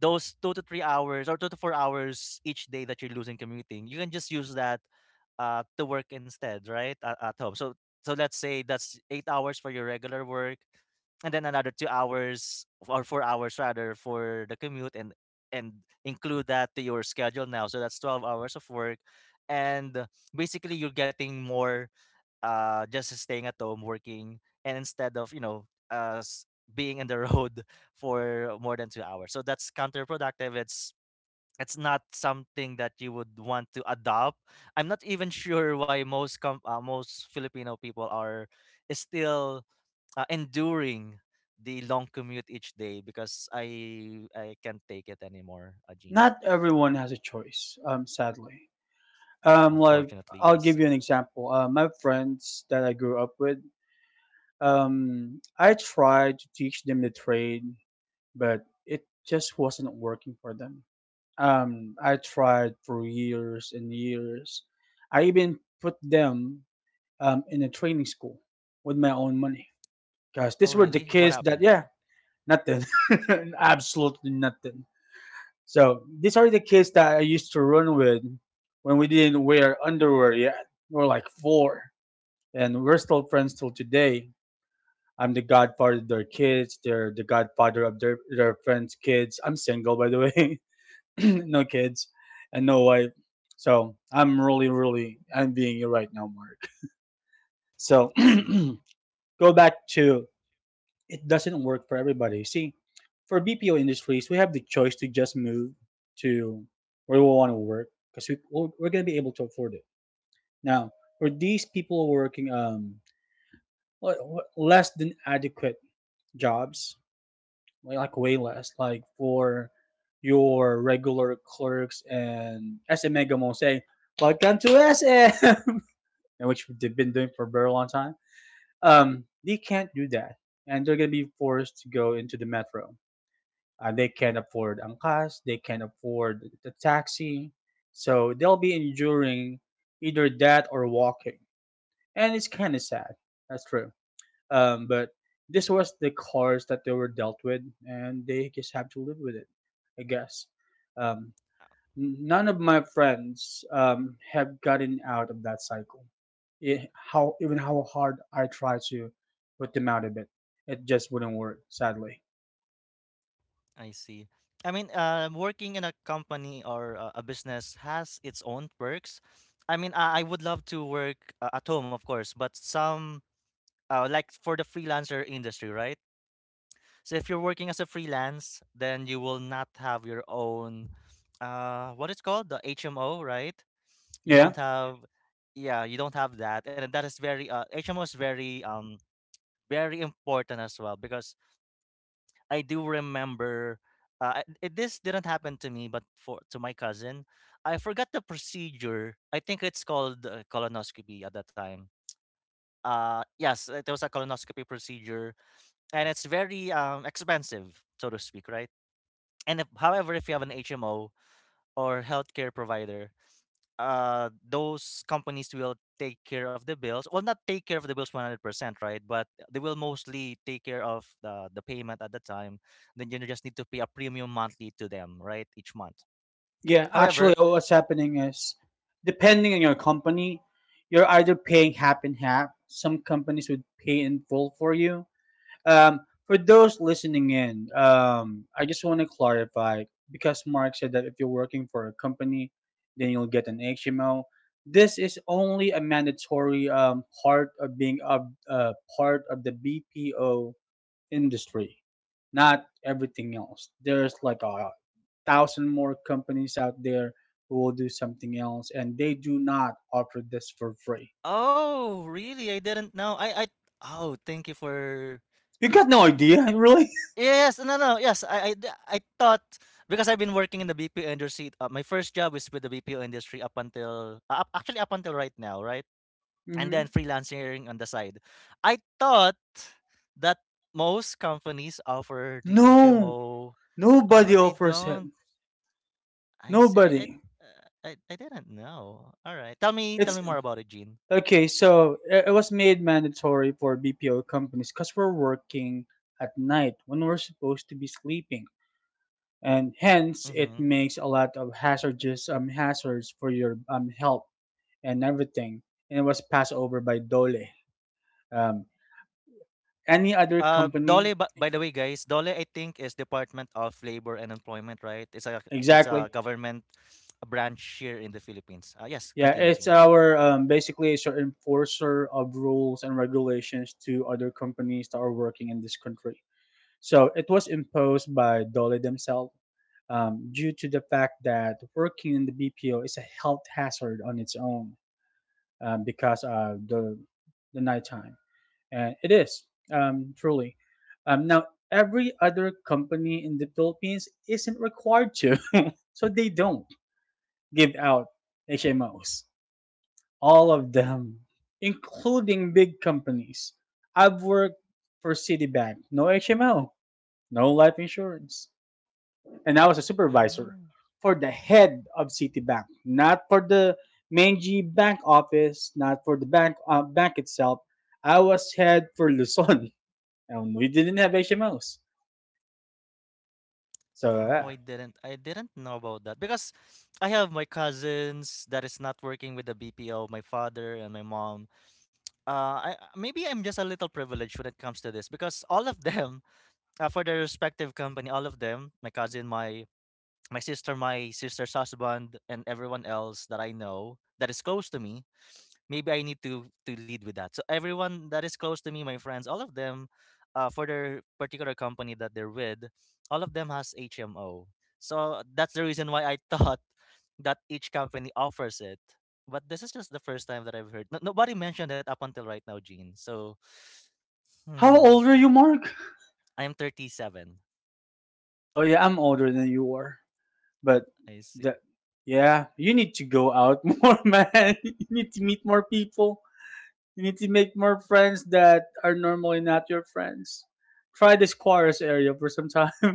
Those 2 to 3 hours or 2 to 4 hours each day that you're losing commuting, you can just use that to work instead, right? At home. So let's say that's 8 hours for your regular work, and then another 2 hours or 4 hours rather for the commute and include that to your schedule now. So that's 12 hours of work, and basically you're getting more just staying at home, working, and instead of, you know, us being in the road [LAUGHS] for more than 2 hours. So that's counterproductive. It's not something that you would want to adopt. I'm not even [LAUGHS] sure why most Filipino people are still enduring the long commute each day because I can't take it anymore, Ajin. Not everyone has a choice. Sadly. Like Unfortunately, I'll give yes. you an example. My friends that I grew up with. I tried to teach them the trade, but it just wasn't working for them. I tried for years and years. I even put them in a training school with my own money. Because Oh, these were the really? What kids that, happened? yeah, nothing. [LAUGHS] Absolutely nothing. So these are the kids that I used to run with when we didn't wear underwear yet. We were like four. And we're still friends till today. I'm the godfather of their kids. They're the godfather of their friends' kids. I'm single, by the way. [LAUGHS] [CLEARS THROAT] No kids and no wife. So I'm really, really envying you right now, Mark. So I see. [CLEARS THROAT] go back to it doesn't work for everybody. See, for BPO industries, we have the choice to just move to where we want to work because we're going to be able to afford it. Now, for these people working um, less than adequate jobs, like way less, like for your regular clerks and SM Megamo say, welcome to SM, [LAUGHS] and which they've been doing for a very long time, they can't do that. And they're going to be forced to go into the metro. They can't afford ang cars, they can't afford the taxi. So they'll be enduring either that or walking. And it's kind of sad. That's true. But this was the cards that they were dealt with, and they just have to live with it, I guess. Um, None of my friends have gotten out of that cycle. It, how even how hard I try to put them out of it, it just wouldn't work. Sadly. I see. I mean, working in a company or a business has its own perks. I mean, I would love to work at home, of course, but like for the freelancer industry, right? So if you're working as a freelance, then you will not have your own, what it's called, the HMO, right? You don't Yeah. have, yeah, you don't have that, and that is HMO is very important as well, because I do remember this didn't happen to me, but for to my cousin. I forgot the procedure. I think it's called colonoscopy at the time. Yes, it was a colonoscopy procedure, and it's very expensive, so to speak, right? And if, however, if you have an HMO or healthcare provider, uh, those companies will take care of the bills, well, not take care of the bills 100%, right, but they will mostly take care of the payment at the time. Then you just need to pay a premium monthly to them, right, each month. Yeah, However, actually, what's happening is, depending on your company, you're either paying half and half. Some companies would pay in full for you. Um, for those listening in, I just want to clarify because Mark said that if you're working for a company, then you'll get an HMO. This is only a mandatory part of being a part of the BPO industry, not everything else. There's like a thousand more companies out there who will do something else, and they do not offer this for free. oh, really? I didn't know. I oh, thank you for You got no idea, [LAUGHS] really? yes, no, no, yes, I thought, because I've been working in the BPO industry, my first job is with the BPO industry up until actually up until right now, right, and Mm-hmm. then freelancing on the side. I thought that most companies offer the No, HMO. Oh, nobody they offers it. don't. I say I Nobody. I didn't know. All right, tell me tell It's me more about it, Gene. okay. So it was made mandatory for BPO companies because we're working at night when we're supposed to be sleeping, and hence it Mm-hmm. makes a lot of hazardous hazards for your health and everything, and it was passed over by Dole. Um, any other company, Dole, by the way, guys, Dole, I think is Department of Labor and Employment, right? It's exactly. a government branch here in the Philippines. Yes, Yeah, continue, it's Gene. our basically it's our enforcer of rules and regulations to other companies that are working in this country. So it was imposed by Dole themselves due to the fact that working in the BPO is a health hazard on its own because of the nighttime. And it is, truly. Now, every other company in the Philippines isn't required to, [LAUGHS] so they don't give out HMOs. All of them, including big companies. I've worked for Citibank, no HMO, no life insurance. And I was a supervisor for the head of Citibank, not for the main G bank office, not for the bank itself. I was head for Luzon. [LAUGHS] And we didn't have H M Os. So Oh, I didn't know about that because I have my cousins that is not working with the BPO, my father and my mom. I maybe I'm just a little privileged when it comes to this because all of them, [LAUGHS] for their respective company, all of them, my cousin, my sister, my sister's husband, and everyone else that I know that is close to me, maybe I need to lead with that. So everyone that is close to me, my friends, all of them, for their particular company that they're with, all of them has HMO. So that's the reason why I [LAUGHS] thought that each company offers it. But this is just the first time that I've heard. No, nobody mentioned it up until right now, Gene. So, how hmm, old are you, Mark? I am 37. Oh yeah, I'm older than you are. But I see. that yeah, you need to go out more, man. [LAUGHS] You need to meet more people. You need to make more friends that are normally not your friends. Try this chorus area for some time.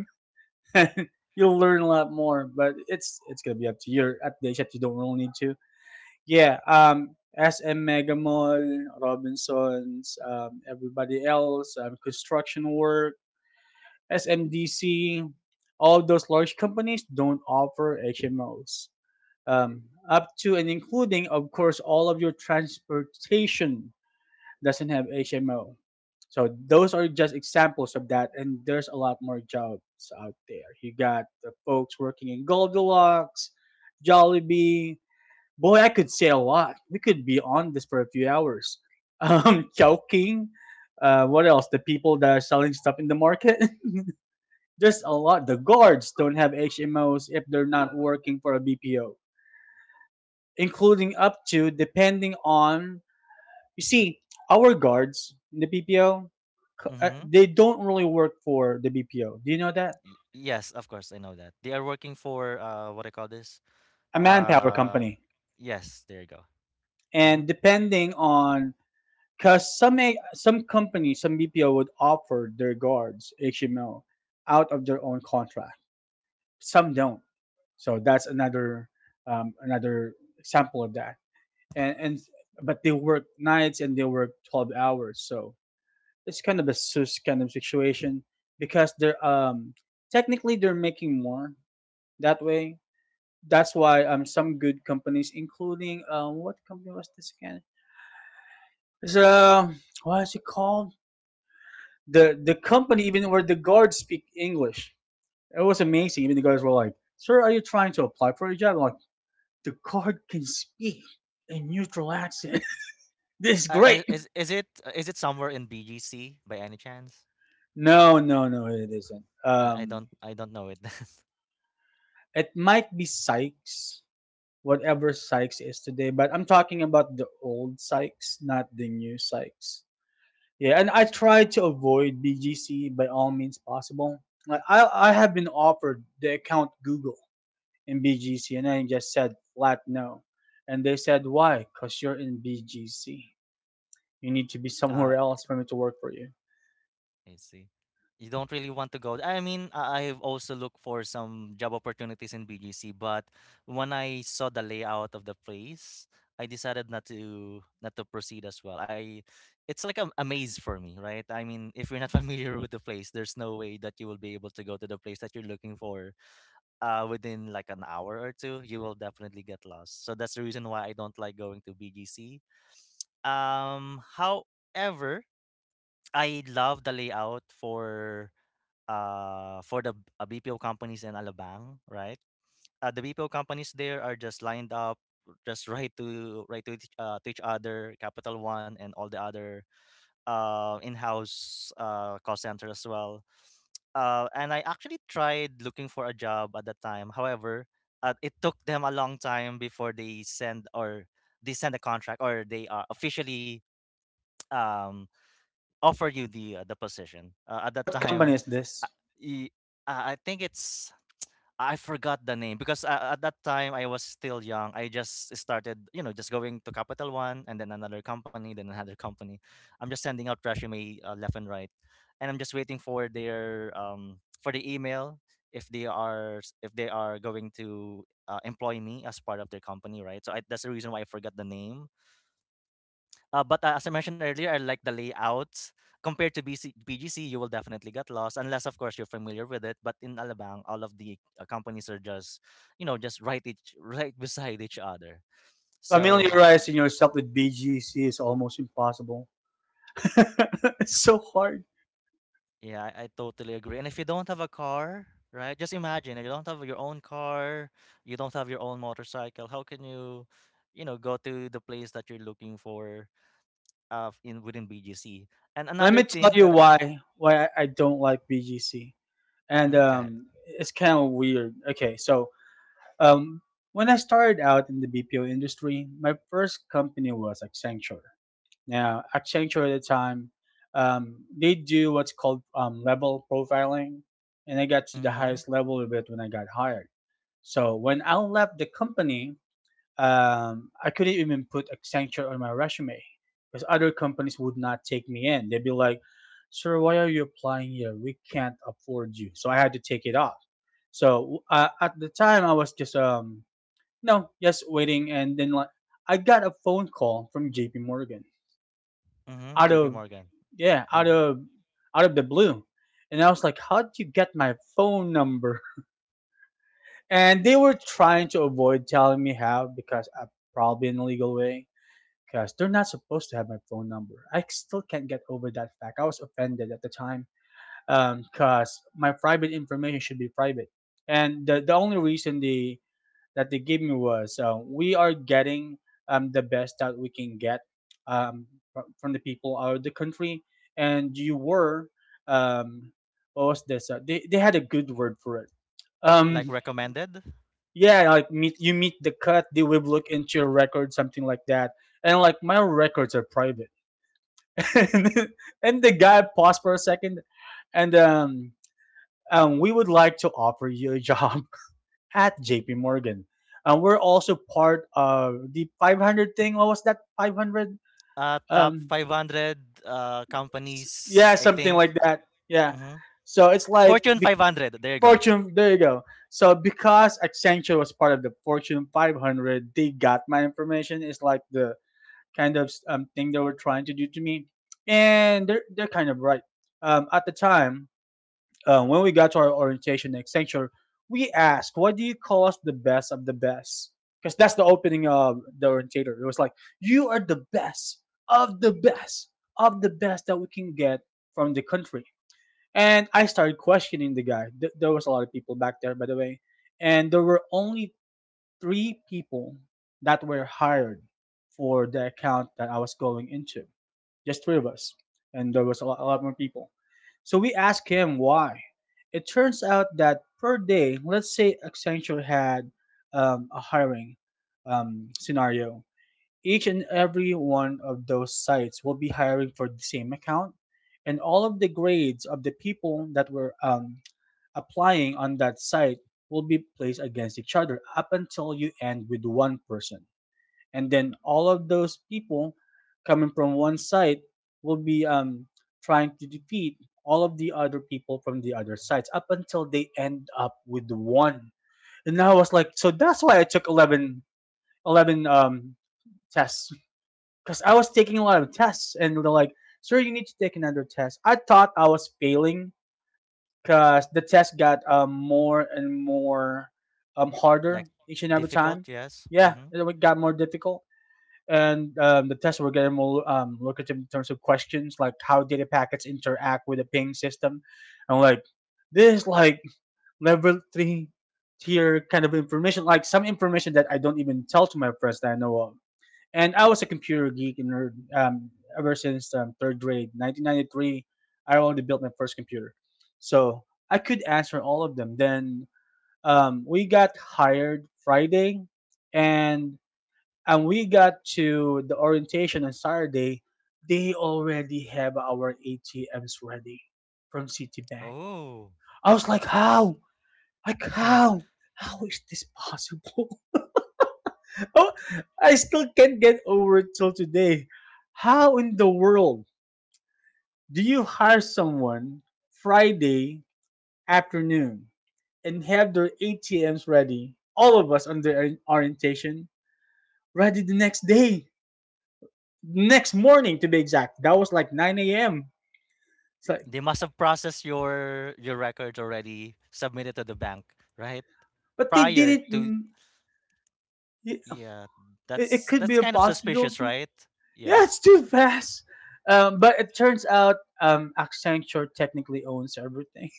[LAUGHS] You'll learn a lot more, but it's gonna be up to you. At the age that you don't really need to. Yeah, SM Mega Mall, Robinsons, everybody else, construction work, SMDC, all those large companies don't offer HMOs. Up to and including, of course, all of your transportation doesn't have HMO. So those are just examples of that, and there's a lot more jobs out there. You got the folks working in Goldilocks, Jollibee. Boy, I could say a lot. We could be on this for a few hours. [LAUGHS] Chowking. What else? The people that are selling stuff in the market. [LAUGHS] There's a lot. The guards don't have HMOs if they're not working for a BPO, including up to depending on. You see, our guards in the BPO, Mm-hmm. they don't really work for the BPO. Do you know that? Yes, of course, I know that. They are working for what I call this. A manpower Uh, company, yes, there you go. Mm-hmm. and depending on because some companies, some BPO would offer their guards HMO out of their own contract. Some don't. So that's another another example of that. And but they work nights and they work 12 hours, so it's kind of a sus kind of situation because they're technically they're making more that way. That's why some good companies including what company was this again? It's uh what is it called, the company even where the guards speak English? It was amazing, even the guards were like, "Sir, are you trying to apply for a job?" I'm like, the guard can speak a neutral accent. [LAUGHS] This is I, great. Is it somewhere in BGC by any chance? No, no, no, it isn't. I, I don't I don't know it. It might be Sykes, whatever Sykes is today, but I'm talking about the old Sykes, not the new Sykes. Yeah, and I try to avoid BGC by all means possible. Like, I have been offered the account Google in BGC, and I just said flat no. And they said, why? Because you're in BGC. You need to be [LAUGHS] uh, somewhere else for me to work for you. I see. You don't really want to go. I mean, I've also looked for some job opportunities in BGC, but when I saw the layout of the place, I decided not to proceed as well. I it's like a maze for me, right? I mean, if you're not [LAUGHS] familiar with the place, there's no way that you will be able to go to the place that you're looking for, within like an hour or two. You will definitely get lost. So that's the reason why I don't like going to BGC. However, I love the layout for the BPO companies in Alabang, right? The BPO companies there are just lined up, just [LAUGHS] right to each other. Capital One and all the other in-house call center as well. And I actually tried looking for a job at that time. However, it took them a long time before they send, or they send a contract, or they officially um, offer you the position. At that What company time, is this? uh, y- I think it's I forgot the name because at that time I was still young. I just started, you know, just going to Capital One and then another company, then another company. I'm just sending out resume left and right, and I'm just waiting for their for the email if they are if they are going to employ me as part of their company, right? So I, that's the reason why I forgot the name. But as I mentioned earlier, I like the layouts. Compared to B G C, you will definitely get lost unless, of course, you're familiar with it. But in Alabang, all of the companies are just, you know, just right beside each other. So Familiarizing yourself with BGC is almost impossible. [LAUGHS] It's so hard. yeah, I totally agree. And if you don't have a car, right? Just imagine you don't have your own car, you don't have your own motorcycle. How can you, you know, go to the place that you're looking for, in within BGC? And Yeah, let another me tell thing you that, I, why I don't like BGC. And mm, go ahead. It's kind of weird. Okay, so Um, when I started out in the BPO industry, my first company was Accenture. Now, Accenture at the time, they do what's called level profiling, and I got to the Mm-hmm. highest level of it when I got hired. So when I left the company, I couldn't even put Accenture on my resume because other companies would not take me in. They'd be like, "Sir, why are you applying here? We can't afford you." So I had to take it off. So at the time, I was just no, just waiting, and then like I got a phone call from J.P. Morgan Mm-hmm. out JP of Morgan. yeah Mhm. Out of the blue, and I was like, "How would you get my phone number?" [LAUGHS] And they were trying to avoid telling me how because I probably in a legal way because they're not supposed to have my phone number. I still can't get over that fact. I was offended at the time because my private information should be private, and the only reason they gave me was we are getting the best that we can get um, from the people out of the country, and you were um, what was this? They had a good word for it. Like Um, recommended? yeah, like meet the cut, they will look into your record, something like that. And like my records are private. [LAUGHS] And the guy paused for a second, and we would like to offer you a [LAUGHS] job at JP Morgan. We're also part of the 500 thing. What was that? 500? Top Um, 500 companies, yeah, I something think. like that. Yeah. Hmm. So it's like Fortune be- 500. There you go. Fortune. There you go. So because Accenture was part of the Fortune 500, they got my information. It's like the kind of thing they were trying to do to me, and they're kind of right. At the time, when we got to our orientation next sanctuary, we asked, "What do you call us the best of the best?" Because that's the opening of the orientator. It was like, "You are the best of the best of the best that we can get from the country." And I started questioning the guy. There was a lot of people back there, by the way, and there were only three people that were hired for the account that I was going into, just three of us, and there was a lot more people. So we asked him why. It turns out that per day, let's say Accenture had a hiring scenario, each and every one of those sites will be hiring for the same account, and all of the grades of the people that were applying on that site will be placed against each other up until you end with one person, and then all of those people coming from one side will be trying to defeat all of the other people from the other sides up until they end up with one. And I was like, so that's why I took eleven tests, because I was taking a lot of tests and they're like, sir, you need to take another test. I thought I was failing because the test got more and more Like harder each and every time. difficult, yes. Yeah, Hmm. it got more difficult. And the tests were getting more lucrative in terms of questions, like how data packets interact with the ping system, and like, this is like level three tier kind of information, like some information that I don't even tell to my friends that I know of. And I was a computer geek and nerd ever since third grade 1993. I already built my first computer. So I could answer all of them then. We got hired Friday, and and we got to the orientation on Saturday. They already have our ATMs ready from Citibank. Oh, I was like, that's fast. how? [LAUGHS] Like, Yes. how? How is this possible? [LAUGHS] Oh, I still can't get over it till today. How in the world do you hire someone Friday afternoon and have their ATMs ready, all of us on the orientation, ready the next day? Next morning to be exact. That was like 9 a.m. It's like, They must have processed your records already, submitted to the bank, right? but they Prior didn't. to Mm, It, yeah, it could be that's a kind of suspicious, possibility. right? Yeah, it's Yes. too fast. But it turns out Accenture technically owns everything.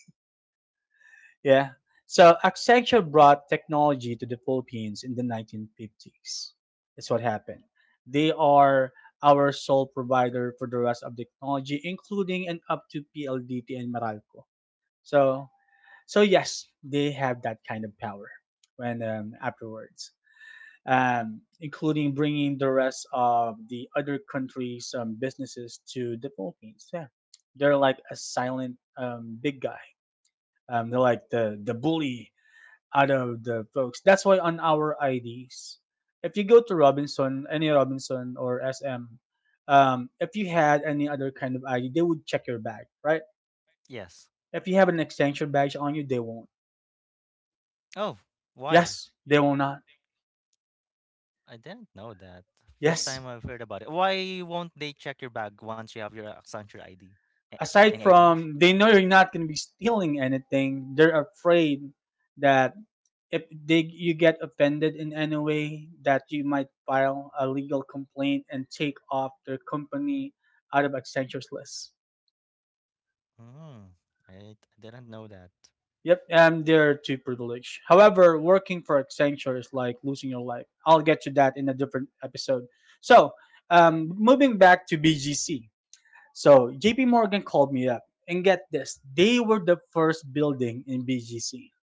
[LAUGHS] Yeah. So Accenture brought technology to the Philippines in the 1950s. That's what happened. They are our sole provider for the rest of the technology, including and up to PLDT and Meralco. So, so yes, they have that kind of power. When afterwards, including bringing the rest of the other countries' businesses to the Philippines. Yeah, they're like a silent big guy. They're like the bully out of the folks. That's why on our IDs, if you go to Robinson, any Robinson or SM, if you had any other kind of ID, they would check your bag, right? Yes. If you have an extension badge on you, they won't. Oh, why? Yes, they will not. I didn't know that. First Yes, time I've heard about it. Why won't they check your bag once you have your Accenture ID? aside Any ideas? from they know you're not going to be stealing anything, they're afraid that if they you get offended in any way that you might file a legal complaint and take off their company out of Accenture's list. Mm, I didn't know that. Yep, and they're too privileged. However, working for Accenture is like losing your life. I'll get to that in a different episode. So moving back to BGC. So JP Morgan called me up, and get this, they were the first building in BGC. Do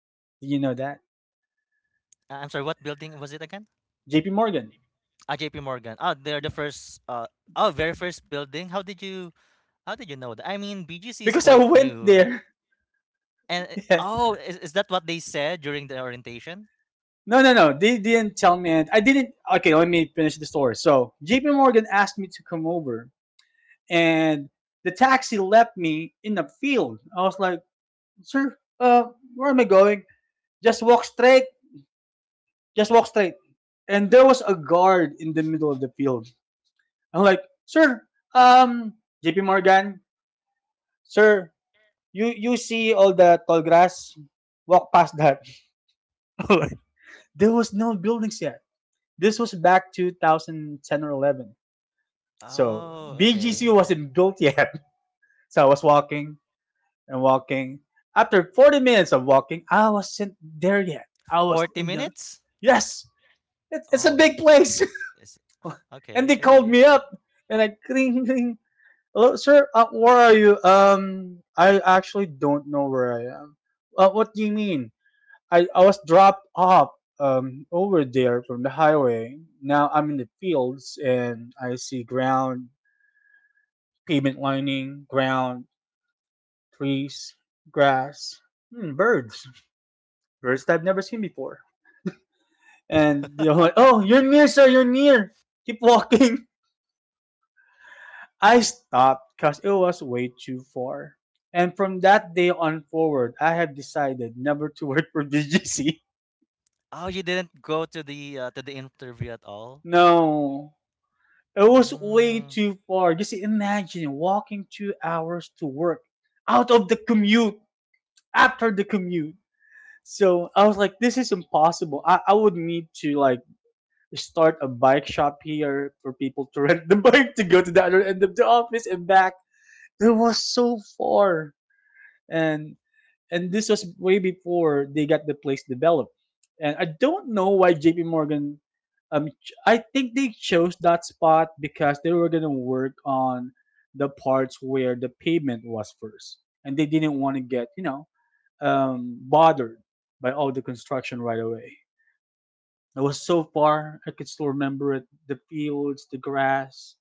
you know that? I'm sorry, what building was it again? JP Morgan. Ah, JP Morgan. Oh, they're the first uh, oh, very first building. How did you know that? I mean, BGC is Because I quite went new, right? there. And [LAUGHS] Yeah. oh, is that what they said during the orientation? No, no, no. They didn't tell me. And I didn't. Okay, let me finish the story. So JP Morgan asked me to come over, and the taxi left me in the field. I was like, sir, where am I going? Just walk straight. Just walk straight. And there was a guard in the middle of the field. I'm like, sir, um, JP Morgan, sir, you see all the tall grass? Walk past that. [LAUGHS] There was no buildings yet. This was back 2010 or 11. So Oh, BGC okay, okay. wasn't built yet. [LAUGHS] So I was walking and walking. After 40 minutes of walking, I wasn't there yet. I was 40 in the, minutes? yes, it's a Oh, big place. it's [LAUGHS] And okay, they called okay. me up, and I cling, cling. Hello, sir, where are you? I actually don't know where I am. What do you mean? I was dropped off over there from the highway. Now I'm in the fields and I see ground, pavement lining, ground, trees, grass, hmm, birds, birds that I've never seen before. And they're like, oh, you're [LAUGHS] near, sir, you're near. Keep walking. [LAUGHS] I stopped because it was way too far. And from that day on forward, I have decided never to [LAUGHS] work for DGC. Oh, you didn't go to the interview at all? No, it was way Mm, too far. Just imagine walking 2 hours to work out of the commute, after the commute. So I was like, this is impossible. I would need to like start a bike shop here for people to rent the [LAUGHS] bike to go to the other end of the office and back. It was so far. And and this was way before they got the place developed. And I don't know why JP Morgan I think they chose that spot because they were going to work on the parts where the pavement was first and they didn't want to get, bothered by all the construction right away. It was so far, I could still remember it, the fields, the grass,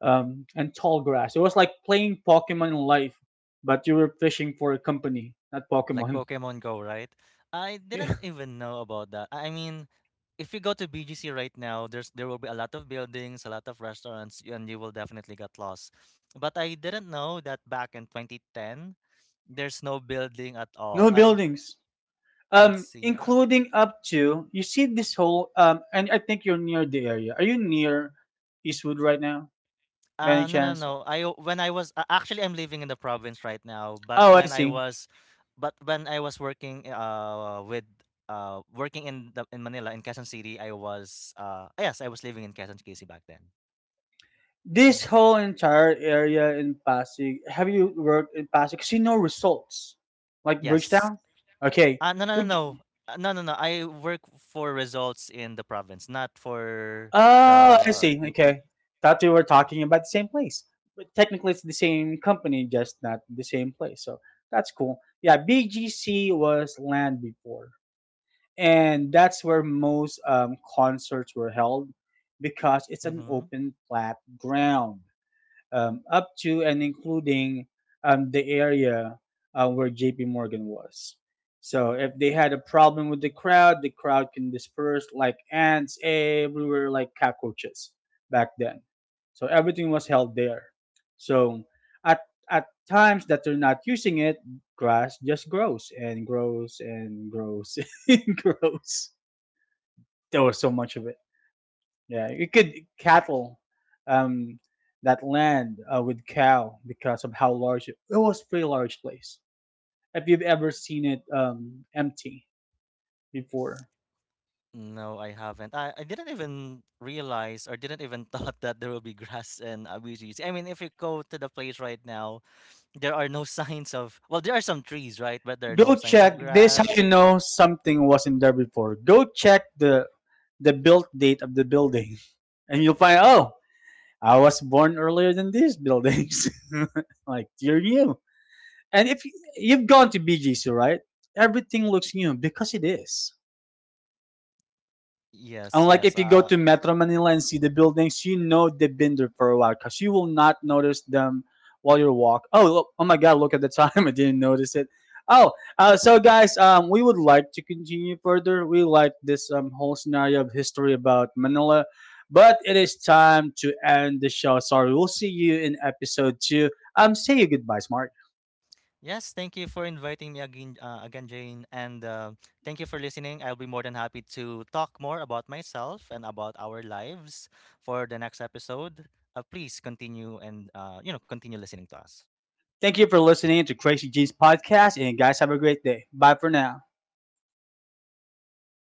and tall grass. It was like playing Pokemon life, but you were fishing for a company, not like Pokemon. Pokemon Go, right? I didn't [LAUGHS] even know about that. I mean, if you go to BGC right now, there's there will be a lot of buildings, a lot of restaurants, and you will definitely get lost. But I didn't know that back in 2010, there's no building at all. No buildings. I see. Including up to, you see this whole and I think you're near the area. Are you near Eastwood right now, by any No, no, chance? no. When I was actually I'm living in the province right now, but Oh, I when I see. was, but when I was working with working in the in Manila in Quezon City, I was uh, yes, I was living in Quezon City back then. This Hmm. whole entire area in Pasig. Have you worked in Pasig? See no results, like Yes. Bridgetown. Okay. No, no, no, Would no, you, uh, no, no, no. I work for results in the province, not for oh, I the. see. Okay. Thought we were talking about the same place, but technically it's the same company, just not the same place. So that's cool. Yeah, BGC was land before, and that's where most concerts were held because it's an Mhm. open flat ground, up to and including the area where JP Morgan was. So if they had a problem with the crowd can disperse like ants everywhere, like cockroaches back then. So everything was held there. So at at times that they're not using it, grass just grows and grows and grows [LAUGHS] and grows. There was so much of it. Yeah, you could cattle um, that land with cow because of how large it was. Pretty large place. If you've ever seen it empty before, No, I haven't. I didn't even realize or didn't even [LAUGHS] thought that there will be grass in Abijis. I mean, if you go to the place right now, there are no [LAUGHS] signs of, well, there are some trees, right? But there are no go signs of check. This how grass. you know something wasn't there before. Go check the built date of the building, [LAUGHS] and you'll find, oh, I was born earlier than these buildings. [LAUGHS] Like, you're new. And if y- You've gone to BGC, right? Everything Y- looks new because it is. Yes, Unlike yes. if you go to Metro Manila and see the buildings, you know they've been there for a while because you will not notice them while you are walk. Oh, look, oh my God! Look at the time. [LAUGHS] I didn't notice it. Oh, so guys, we would like to continue further. We like this whole scenario of history about Manila, but it is time to end the show. Sorry, we'll see you in episode two. Say your goodbye, Smart. Yes, thank you for inviting me again, again, Jane. And thank you for listening. I'll be more than happy to talk more about myself and about our lives for the next episode. Please continue and, you know, continue listening to us. Thank you for listening to Crazy G's podcast, and guys, have a great day. Bye for now.